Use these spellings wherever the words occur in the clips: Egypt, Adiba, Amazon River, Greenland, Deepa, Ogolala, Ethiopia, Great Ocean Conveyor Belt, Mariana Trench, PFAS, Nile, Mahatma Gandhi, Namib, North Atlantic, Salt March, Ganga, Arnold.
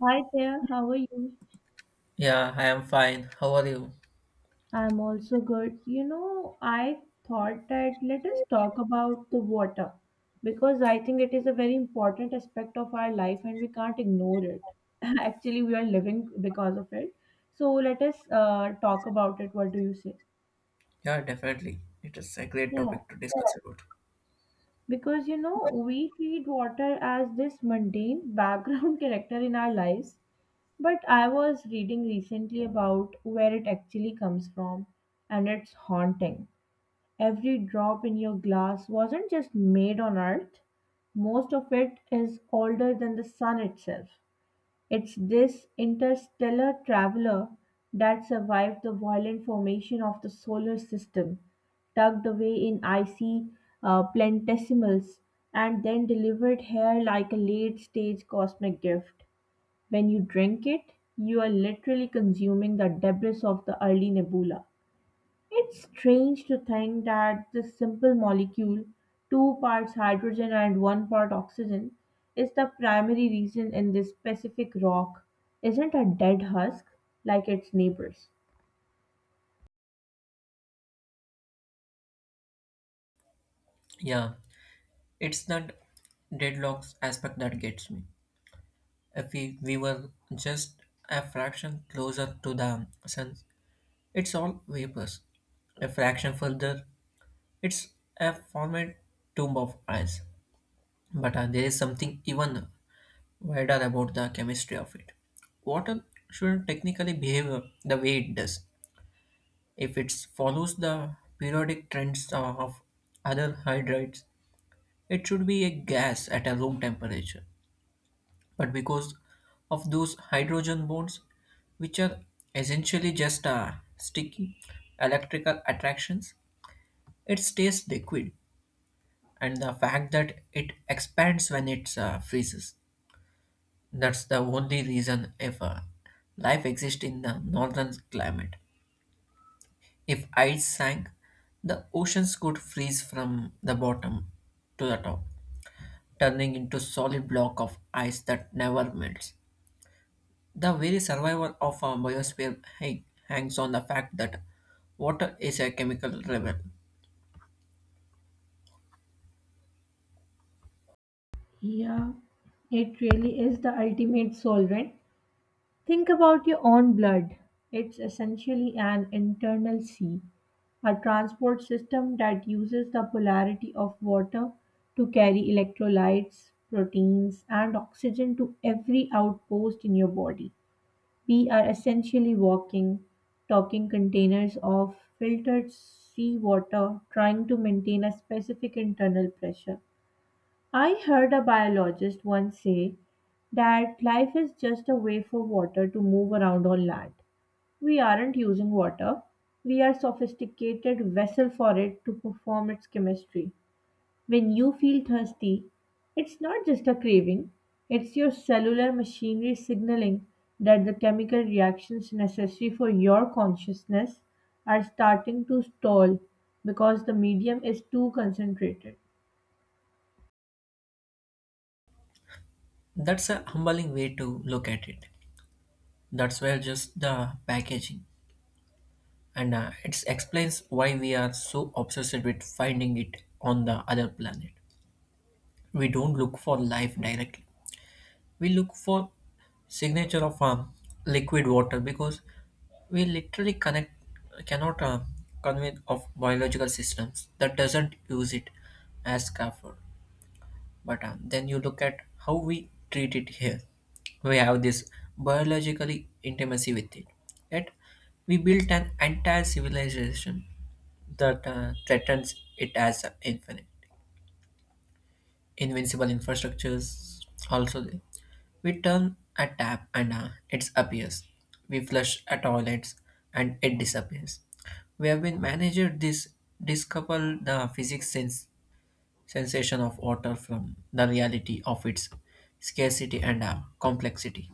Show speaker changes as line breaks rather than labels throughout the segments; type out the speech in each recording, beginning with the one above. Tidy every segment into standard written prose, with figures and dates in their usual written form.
Hi there, how are you?
Yeah, I am fine. How are you?
I'm also good. You know, I thought that let us talk about the water because I think it is a very important aspect of our life and we can't ignore it. Actually, we are living because of it. So let us talk about it. What do you say?
Yeah, definitely. It is a great
Yeah,
topic to discuss about.
because you know, we treat water as this mundane background character in our lives. But I was reading recently about where it actually comes from, and it's haunting. Every drop in your glass wasn't just made on Earth, most of it is older than the sun itself. It's this interstellar traveler that survived the violent formation of the solar system, tucked away in icy planetesimals, and then delivered here like a late stage cosmic gift. When you drink it, you are literally consuming the debris of the early nebula. It's strange to think that this simple molecule, two parts hydrogen and one part oxygen, is the primary reason in this specific rock isn't a dead husk like its neighbors.
Yeah, it's that deadlocks aspect that gets me. If we were just a fraction closer to the sun, it's all vapors. A fraction further, it's a formed tomb of ice. But there is something even wider about the chemistry of it. Water shouldn't technically behave the way it does. If it follows the periodic trends of other hydrides, it should be a gas at a room temperature. But because of those hydrogen bonds, which are essentially just sticky electrical attractions, it stays liquid. And the fact that it expands when it freezes. That's the only reason if life exists in the northern climate. If ice sank, the oceans could freeze from the bottom to the top, turning into solid block of ice that never melts. The very survival of our biosphere hangs on the fact that water is a chemical rebel.
Yeah, it really is the ultimate solvent. Think about your own blood. It's essentially an internal sea. A transport system that uses the polarity of water to carry electrolytes, proteins, and oxygen to every outpost in your body. We are essentially walking, talking containers of filtered seawater trying to maintain a specific internal pressure. I heard a biologist once say that life is just a way for water to move around on land. We aren't using water, we are sophisticated vessel for it to perform its chemistry. When you feel thirsty, it's not just a craving, it's your cellular machinery signaling that the chemical reactions necessary for your consciousness are starting to stall because the medium is too concentrated.
That's a humbling way to look at it. That's where just the packaging, and it explains why we are so obsessed with finding it on the other planet. We don't look for life directly, we look for signature of liquid water because we literally connect cannot convey of biological systems that doesn't use it as scaffold, but then you look at how we treat it here. We have this biologically intimacy with it, yet we built an entire civilization that threatens it as infinite invincible infrastructures also there. We turn a tap and it appears. We flush a toilet and it disappears. We have been managed this discouple the physics sense, sensation of water from the reality of its scarcity and complexity.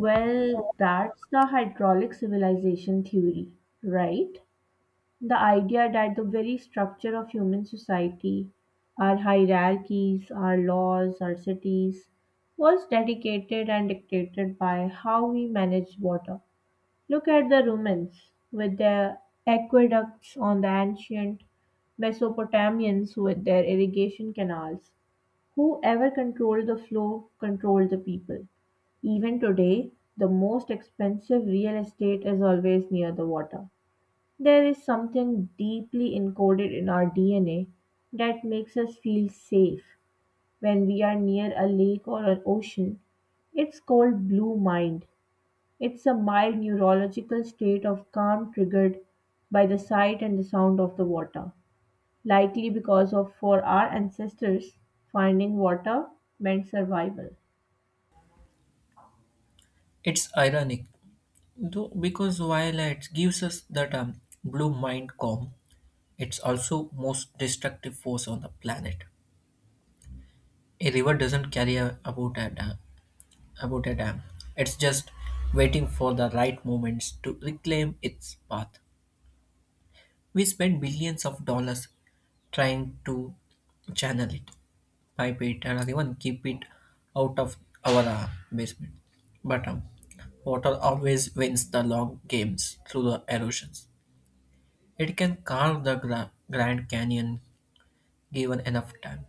Well, that's the hydraulic civilization theory, right? The idea that the very structure of human society, our hierarchies, our laws, our cities, was dedicated and dictated by how we manage water. Look at the Romans with their aqueducts on the ancient Mesopotamians with their irrigation canals. Whoever controlled the flow controlled the people. Even today, the most expensive real estate is always near the water. There is something deeply encoded in our DNA that makes us feel safe when we are near a lake or an ocean. It's called blue mind. It's a mild neurological state of calm triggered by the sight and the sound of the water, likely because of for our ancestors finding water meant survival.
It's ironic though, because while it gives us that blue mind calm, it's also most destructive force on the planet. A river doesn't carry a, about a, da- about a dam. It's just waiting for the right moments to reclaim its path. We spend billions of dollars trying to channel it, pipe it, and even keep it out of our basement. But water always wins the long games through the erosions. It can carve the Grand Canyon given enough time.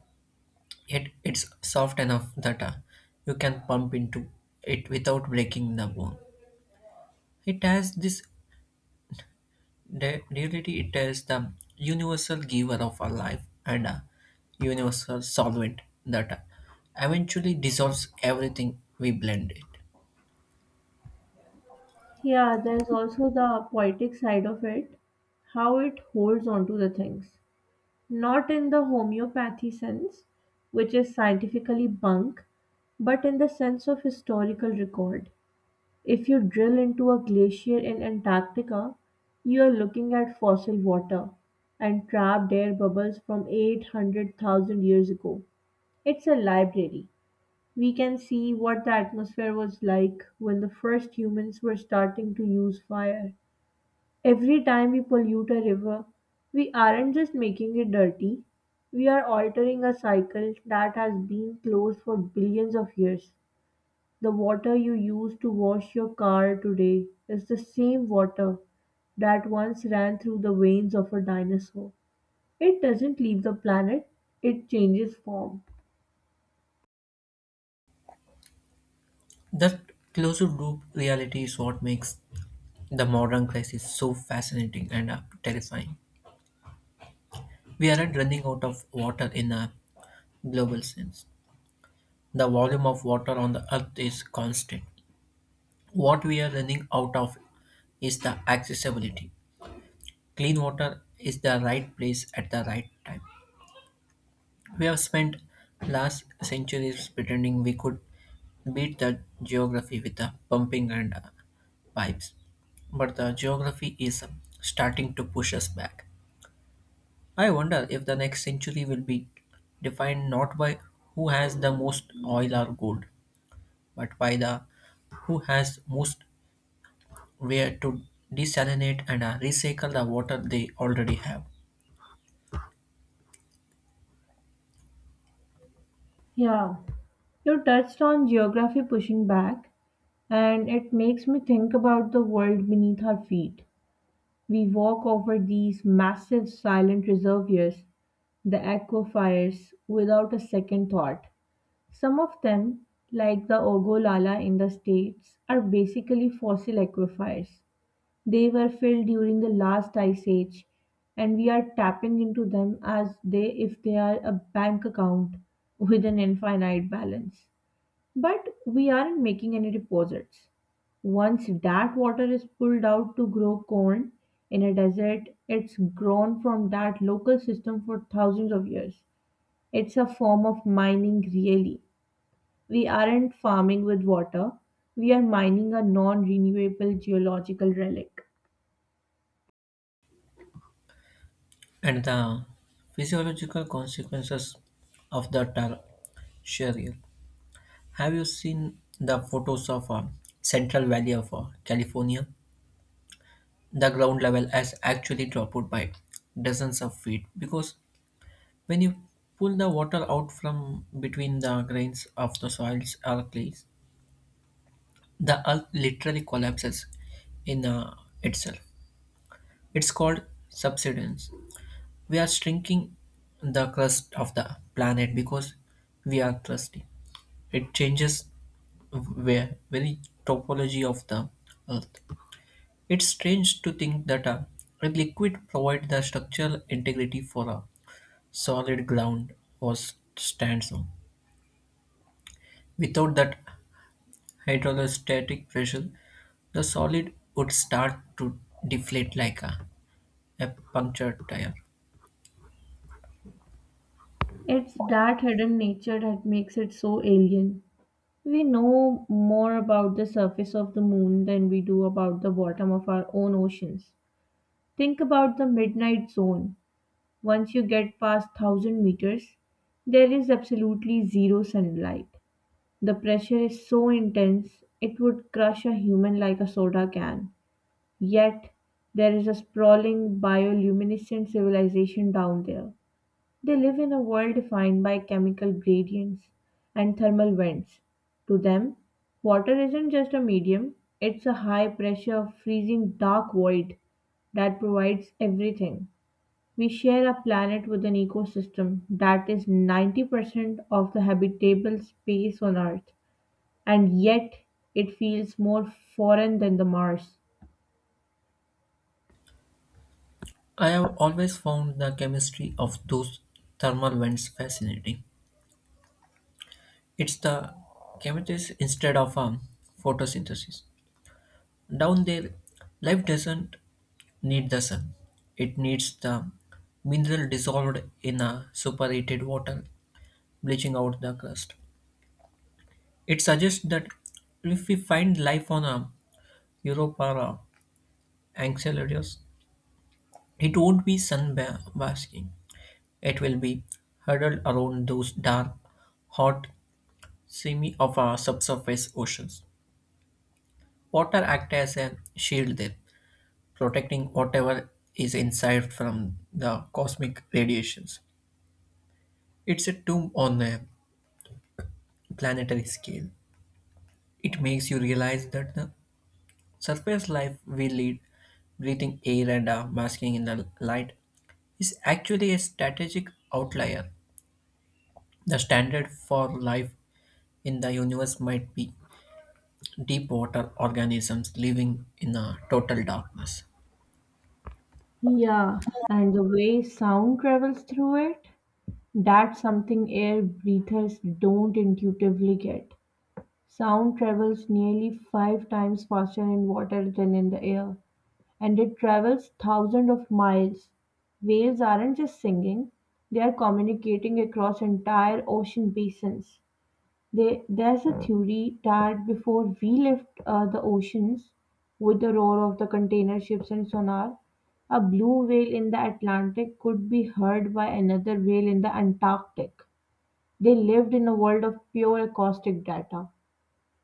Yet it's soft enough that you can pump into it without breaking the bone. It has this That reality it is the universal giver of our life and a universal solvent that eventually dissolves everything we blend it.
Yeah, there's also the poetic side of it, how it holds on to the things. Not in the homeopathy sense, which is scientifically bunk, but in the sense of historical record. If you drill into a glacier in Antarctica, you are looking at fossil water and trapped air bubbles from 800,000 years ago. It's a library. We can see what the atmosphere was like when the first humans were starting to use fire. Every time we pollute a river, we aren't just making it dirty, we are altering a cycle that has been closed for billions of years. The water you use to wash your car today is the same water that once ran through the veins of a dinosaur. It doesn't leave the planet, it changes form.
That closed loop reality is what makes the modern crisis so fascinating and terrifying. We aren't running out of water in a global sense. The volume of water on the earth is constant. What we are running out of is the accessibility. Clean water is the right place at the right time. We have spent last centuries pretending we could beat the geography with the pumping and pipes, but the geography is starting to push us back. I wonder if the next century will be defined not by who has the most oil or gold, but by the who has most where to desalinate and recycle the water they already have.
Yeah, you touched on geography pushing back, and it makes me think about the world beneath our feet. We walk over these massive silent reservoirs, the aquifers, without a second thought. Some of them, like the Ogolala in the States, are basically fossil aquifers. They were filled during the last ice age, and we are tapping into them as they if they are a bank account with an infinite balance. But we aren't making any deposits. Once that water is pulled out to grow corn in a desert, it's grown from that local system for thousands of years. It's a form of mining, really. We aren't farming with water, we are mining a non renewable geological relic.
And the physiological consequences of the are Sharia. Have you seen the photos of Central Valley of California? The ground level has actually dropped by dozens of feet because when you pull the water out from between the grains of the soils or clays, the earth literally collapses in itself. It's called subsidence. We are shrinking the crust of the planet because we are thirsty. It changes where very topology of the earth. It's strange to think that a liquid provides the structural integrity for a solid ground or stands on. Without that hydrostatic pressure, the solid would start to deflate like a punctured tire.
It's that hidden nature that makes it so alien. We know more about the surface of the moon than we do about the bottom of our own oceans. Think about the midnight zone. Once you get past 1000 meters, there is absolutely zero sunlight. The pressure is so intense it would crush a human like a soda can. Yet, there is a sprawling bioluminescent civilization down there. They live in a world defined by chemical gradients and thermal vents. To them, water isn't just a medium, it's a high pressure, freezing dark void that provides everything. We share a planet with an ecosystem that is 90% of the habitable space on Earth, and yet it feels more foreign than the Mars.
I have always found the chemistry of those thermal vents fascinating. It's the chemistry instead of photosynthesis. Down there, life doesn't need the sun. It needs the mineral dissolved in a superheated water, bleaching out the crust. It suggests that if we find life on a Europa or a Enceladus, it won't be sun basking. It will be huddled around those dark, hot semi of our subsurface oceans. Water acts as a shield there, protecting whatever is inside from the cosmic radiations. It's a tomb on a planetary scale. It makes you realize that the surface life we lead, breathing air and basking in the light, is actually a strategic outlier. The standard for life in the universe might be deep water organisms living in a total darkness.
Yeah, and the way sound travels through it, that's something air breathers don't intuitively get. Sound travels nearly five times faster in water than in the air. And it travels thousands of miles. Whales aren't just singing, they are communicating across entire ocean basins. There's a theory that before we left the oceans with the roar of the container ships and sonar, a blue whale in the Atlantic could be heard by another whale in the Antarctic. They lived in a world of pure acoustic data.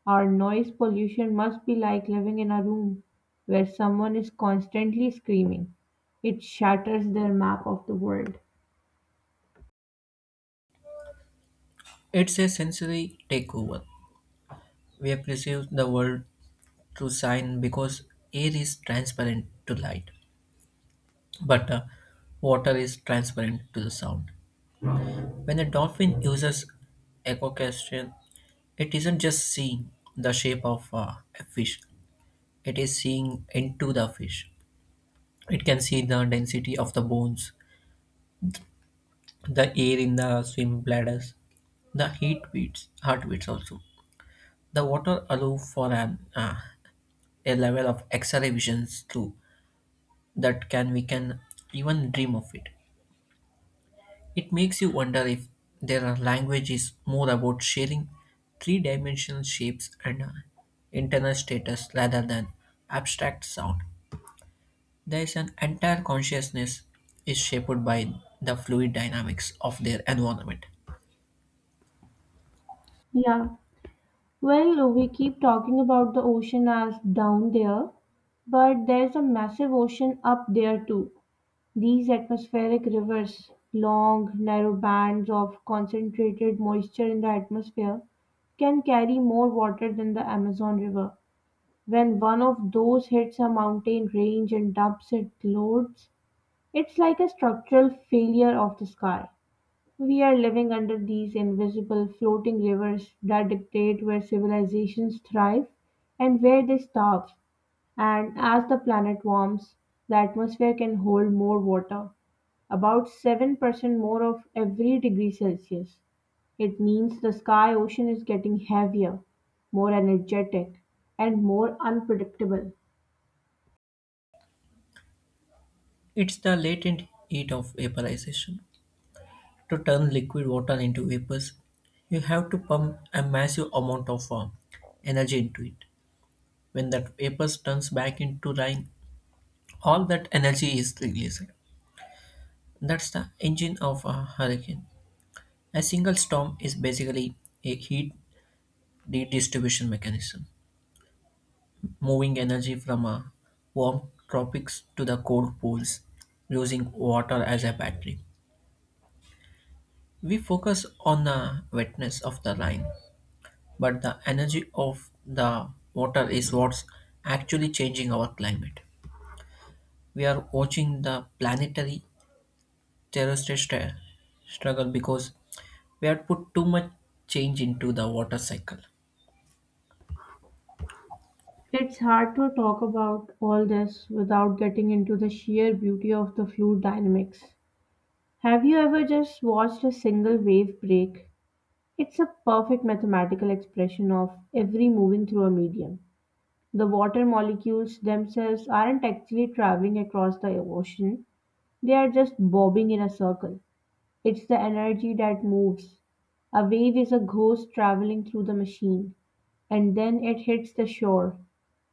Our noise pollution must be like living in a room where someone is constantly screaming. It shatters their map of the world.
It's a sensory takeover. We perceive the world through sign because air is transparent to light, but water is transparent to the sound. When a dolphin uses echocastration, it isn't just seeing the shape of a fish, it is seeing into the fish. It can see the density of the bones, the air in the swim bladders, the heartbeats also. The water allows for an a level of X-ray visions too that can we can even dream of it. It makes you wonder if there are languages more about sharing three dimensional shapes and internal status rather than abstract sound. There is an entire consciousness is shaped by the fluid dynamics of their environment.
Yeah. Well, we keep talking about the ocean as down there, but there's a massive ocean up there too. These atmospheric rivers, long, narrow bands of concentrated moisture in the atmosphere, can carry more water than the Amazon River. When one of those hits a mountain range and dubs it loads, it's like a structural failure of the sky. We are living under these invisible floating rivers that dictate where civilizations thrive and where they starve. And as the planet warms, the atmosphere can hold more water, about 7% more of every degree Celsius. It means the sky ocean is getting heavier, more energetic, and more unpredictable.
It's the latent heat of vaporization. To turn liquid water into vapors, you have to pump a massive amount of energy into it. When that vapor turns back into rain, all that energy is released. That's the engine of a hurricane. A single storm is basically a heat redistribution mechanism, moving energy from a warm tropics to the cold poles, using water as a battery. We focus on the wetness of the line, but the energy of the water is what's actually changing our climate. We are watching the planetary terrestrial struggle because we had put too much change into the water cycle.
It's hard to talk about all this without getting into the sheer beauty of the fluid dynamics. Have you ever just watched a single wave break? It's a perfect mathematical expression of every moving through a medium. The water molecules themselves aren't actually traveling across the ocean, they are just bobbing in a circle. It's the energy that moves. A wave is a ghost traveling through the machine, and then it hits the shore.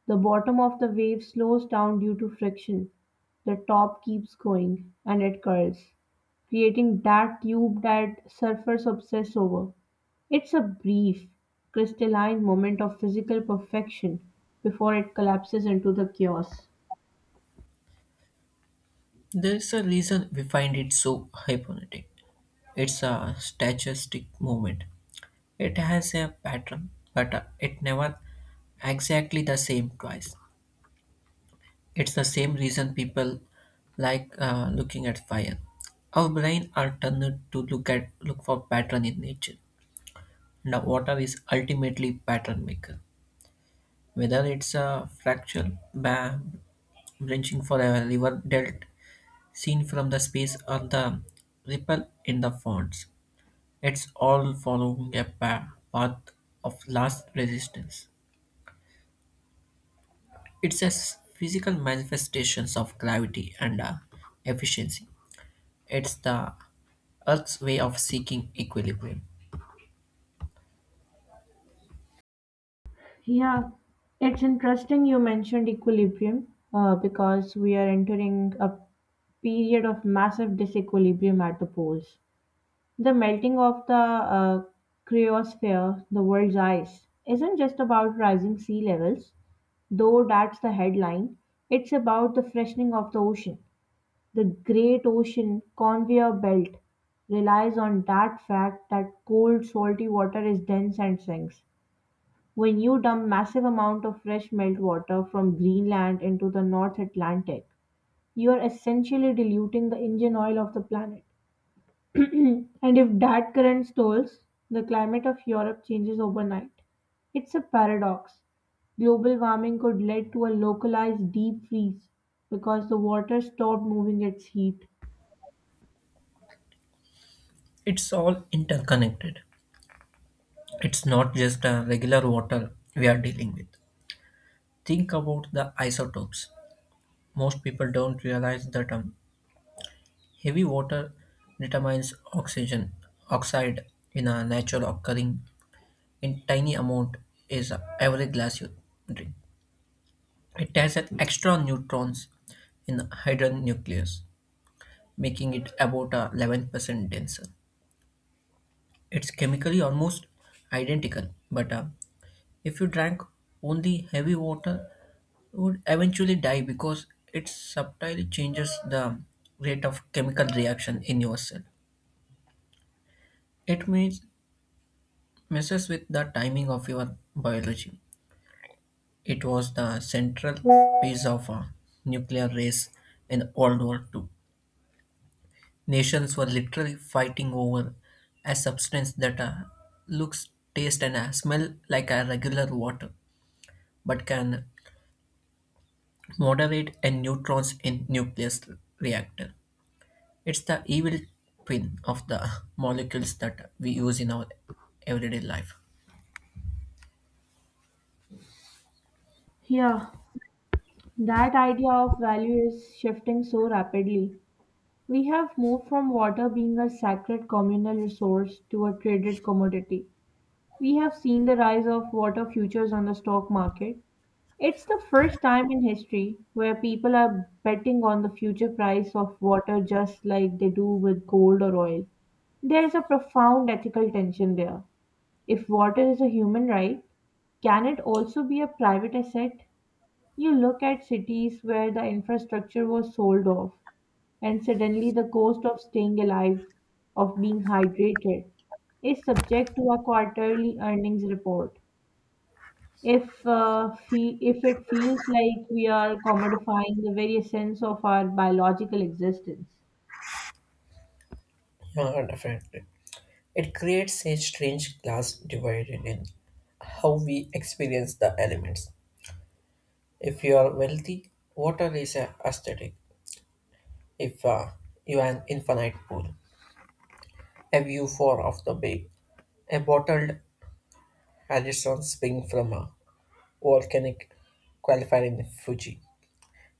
The bottom of the wave slows down due to friction, the top keeps going, and it curls, creating that tube that surfers obsess over. It's a brief, crystalline moment of physical perfection before it collapses into the chaos.
There's a reason we find it so hypnotic. It's a statistic movement. It has a pattern, but it never exactly the same twice. It's the same reason people like looking at fire. Our brain are turned to look for pattern in nature. Now, water is ultimately pattern maker. Whether it's a fracture, branching for a river delta, seen from the space are the ripple in the fonts. It's all following a path of last resistance. It's a physical manifestations of gravity and efficiency. It's the Earth's way of seeking equilibrium.
Yeah, it's interesting you mentioned equilibrium because we are entering a period of massive disequilibrium at the poles. The melting of the cryosphere, the world's ice, isn't just about rising sea levels, though that's the headline. It's about the freshening of the ocean. The Great Ocean Conveyor Belt relies on that fact that cold, salty water is dense and sinks. When you dump massive amount of fresh meltwater from Greenland into the North Atlantic, you are essentially diluting the engine oil of the planet. Hmm. And if that current stalls, the climate of Europe changes overnight. It's a paradox. Global warming could lead to a localized deep freeze because the water stopped moving its heat.
It's all interconnected. It's not just a regular water we are dealing with. Think about the isotopes. Most people don't realize that heavy water determines oxygen oxide in a natural occurring in tiny amount is every glass you drink. It has an extra neutrons in the hydrogen nucleus, making it about 11% denser. It's chemically almost identical, but if you drank only heavy water, you would eventually die because it subtly changes the rate of chemical reaction in your cell. It means messes with the timing of your biology. It was the central piece of a nuclear race in World War II. Nations were literally fighting over a substance that looks, tastes, and smell like a regular water, but can moderate and neutrons in nucleus reactor. It's the evil twin of the molecules that we use in our everyday life.
Yeah, that idea of value is shifting so rapidly. We have moved from water being a sacred communal resource to a traded commodity. We have seen the rise of water futures on the stock market. It's the first time in history where people are betting on the future price of water just like they do with gold or oil. There is a profound ethical tension there. If water is a human right, can it also be a private asset? You look at cities where the infrastructure was sold off, and suddenly the cost of staying alive, of being hydrated, is subject to a quarterly earnings report if if it feels like we are commodifying the very essence of our biological existence.
Yeah, definitely. It creates a strange class divide in how we experience the elements. If you are wealthy, water is a aesthetic. If you have an infinite pool, a view far off the bay, a bottled Harrison spring from a volcanic qualifier in Fuji.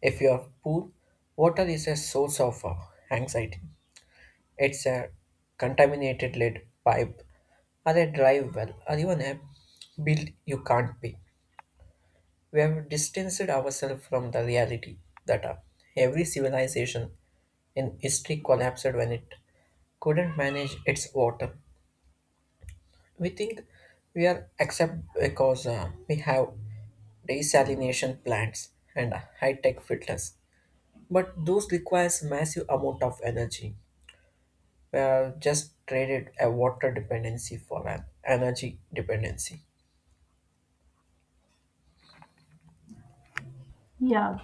If you are poor, water is a source of anxiety. It's a contaminated lead pipe, or a dry well, or even a bill you can't pay. We have distanced ourselves from the reality that every civilization in history collapsed when it couldn't manage its water. We think we are except because we have desalination plants and high-tech filters. But those requires massive amount of energy. We have just traded a water dependency for an energy dependency.
Yeah,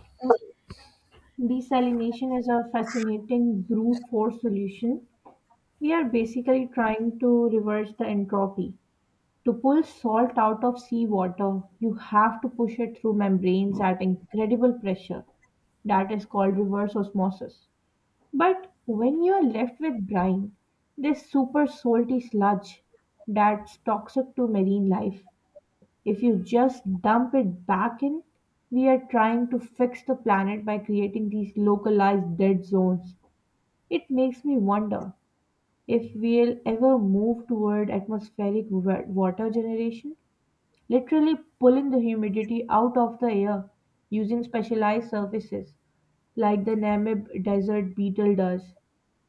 desalination is a fascinating brute force solution. We are basically trying to reverse the entropy. To pull salt out of seawater, you have to push it through membranes at incredible pressure. That is called reverse osmosis. But when you're left with brine, this super salty sludge that's toxic to marine life, if you just dump it back in, we are trying to fix the planet by creating these localized dead zones. It makes me wonder if we'll ever move toward atmospheric water generation, literally pulling the humidity out of the air using specialized surfaces like the Namib desert beetle does.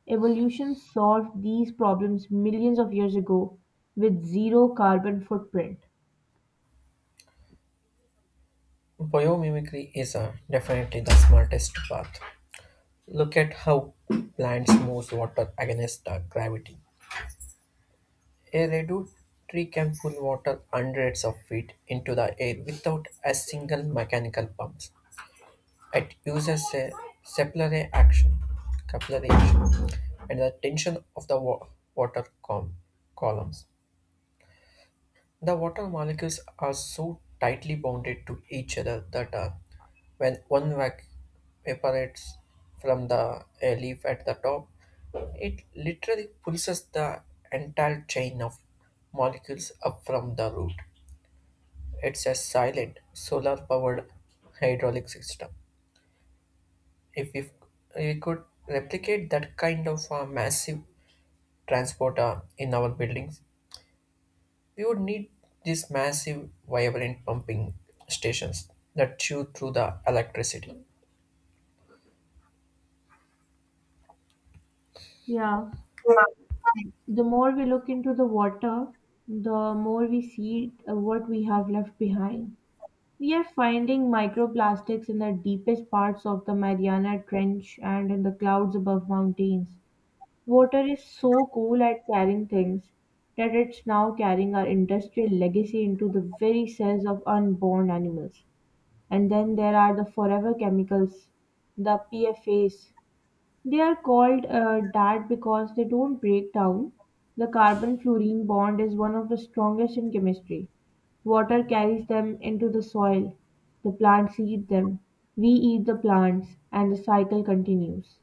Evolution solved these problems millions of years ago with zero carbon footprint.
Biomimicry is definitely the smartest path. Look at how plants move water against the gravity. A redwood tree can pull water hundreds of feet into the air without a single mechanical pump. It uses a capillary action, capillary action, and the tension of the water columns. The water molecules are so tightly bonded to each other that when one evaporates from the leaf at the top, it literally pulses the entire chain of molecules up from the root. It's a silent solar powered hydraulic system. If we could replicate that kind of massive transporter in our buildings, we would need these massive, vibrant pumping stations that chew through the electricity.
Yeah, the more we look into the water, the more we see what we have left behind. We are finding microplastics in the deepest parts of the Mariana Trench and in the clouds above mountains. Water is so cool at carrying things that it's now carrying our industrial legacy into the very cells of unborn animals. And then there are the forever chemicals, the PFAS. They are called that because they don't break down. The carbon fluorine bond is one of the strongest in chemistry. Water carries them into the soil. The plants eat them. We eat the plants, and the cycle continues.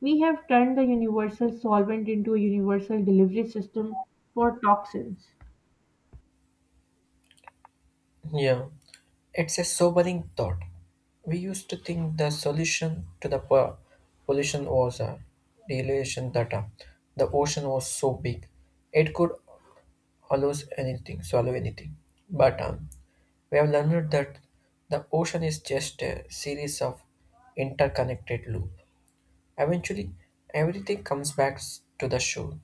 We have turned the universal solvent into a universal delivery system for toxins.
Yeah, it's a sobering thought. We used to think the solution to the pollution was a relation that the ocean was so big it could allow anything, swallow anything. But we have learned that the ocean is just a series of interconnected loop. Eventually, everything comes back to the shore.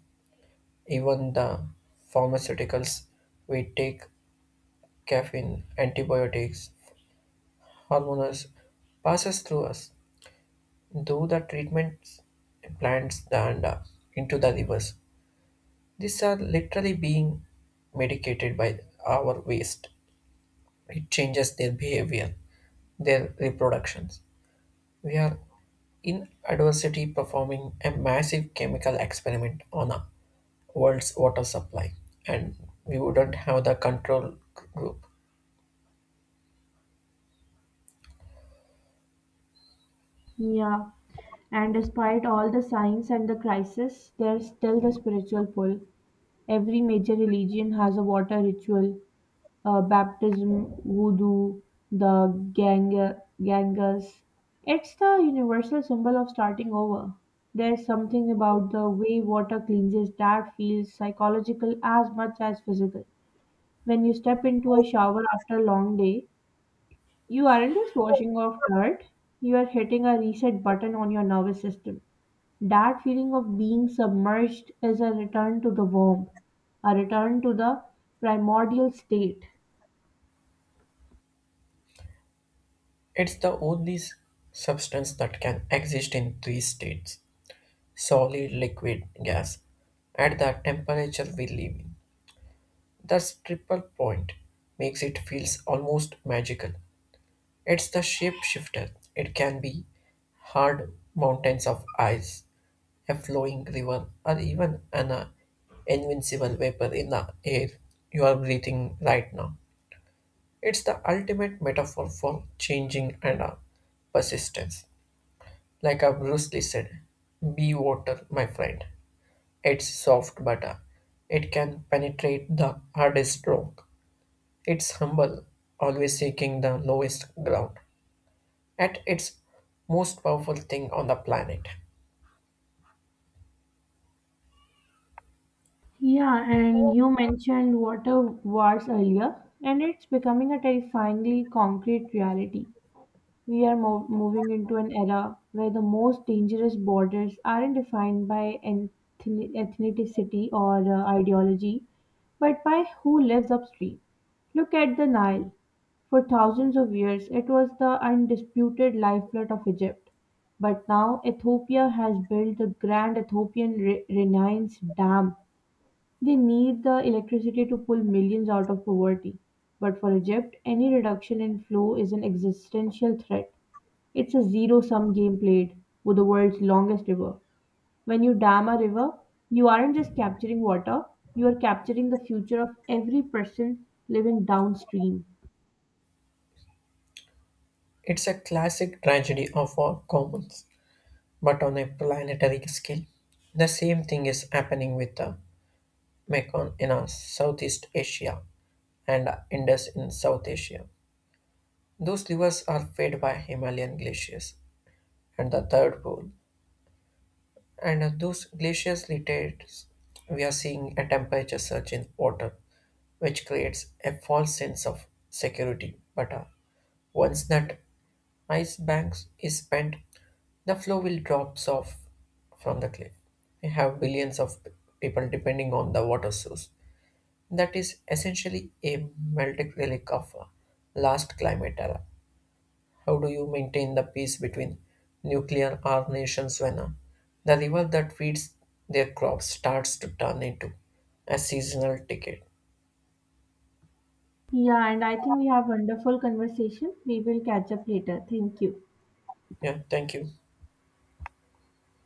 Even the pharmaceuticals we take, caffeine, antibiotics, hormones, passes through us. Do the treatments plants and into the rivers. These are literally being medicated by our waste. It changes their behavior, their reproductions. We are in adversity performing a massive chemical experiment on a world's water supply and we wouldn't have the control group.
Yeah. And despite all the science and the crisis, there's still the spiritual pull. Every major religion has a water ritual, baptism, voodoo, the Ganga, Gangas. It's the universal symbol of starting over. There's something about the way water cleanses that feels psychological as much as physical. When you step into a shower after a long day, you aren't just washing off dirt, you are hitting a reset button on your nervous system. That feeling of being submerged is a return to the womb, a return to the primordial state.
It's the only substance that can exist in three states solid, liquid, gas at the temperature we live in. That's triple point makes it feels almost magical. It's the shapeshifter. It can be hard mountains of ice, a flowing river, or even an invincible vapor in the air you are breathing right now. It's the ultimate metaphor for changing and persistence. Like a Bruce Lee said, be water, my friend. It's soft butter. It can penetrate the hardest rock. It's humble, always seeking the lowest ground. At its most powerful thing on the planet.
Yeah, and you mentioned water wars earlier, and it's becoming a terrifyingly concrete reality. We are moving into an era where the most dangerous borders aren't defined by ethnicity or ideology, but by who lives upstream. Look at the Nile. For thousands of years, it was the undisputed lifeblood of Egypt. But now, Ethiopia has built the Grand Ethiopian Renaissance Dam. They need the electricity to pull millions out of poverty. But for Egypt, any reduction in flow is an existential threat. It's a zero sum game played with the world's longest river. When you dam a river, you aren't just capturing water, you are capturing the future of every person living downstream.
It's a classic tragedy of our commons, but on a planetary scale. The same thing is happening with the Mekong in Southeast Asia and Indus in South Asia. Those rivers are fed by Himalayan glaciers and the third pole. And those glacial latitudes, we are seeing a temperature surge in water, which creates a false sense of security. But once that ice banks is spent, the flow will drops off from the cliff. We have billions of people depending on the water source. That is essentially a melted relic of last climate era. How do you maintain the peace between nuclear armed nations when the river that feeds their crops starts to turn into a seasonal ticket?
Yeah, and I think we have wonderful conversation. We will catch up later. Thank you.
Yeah, thank you.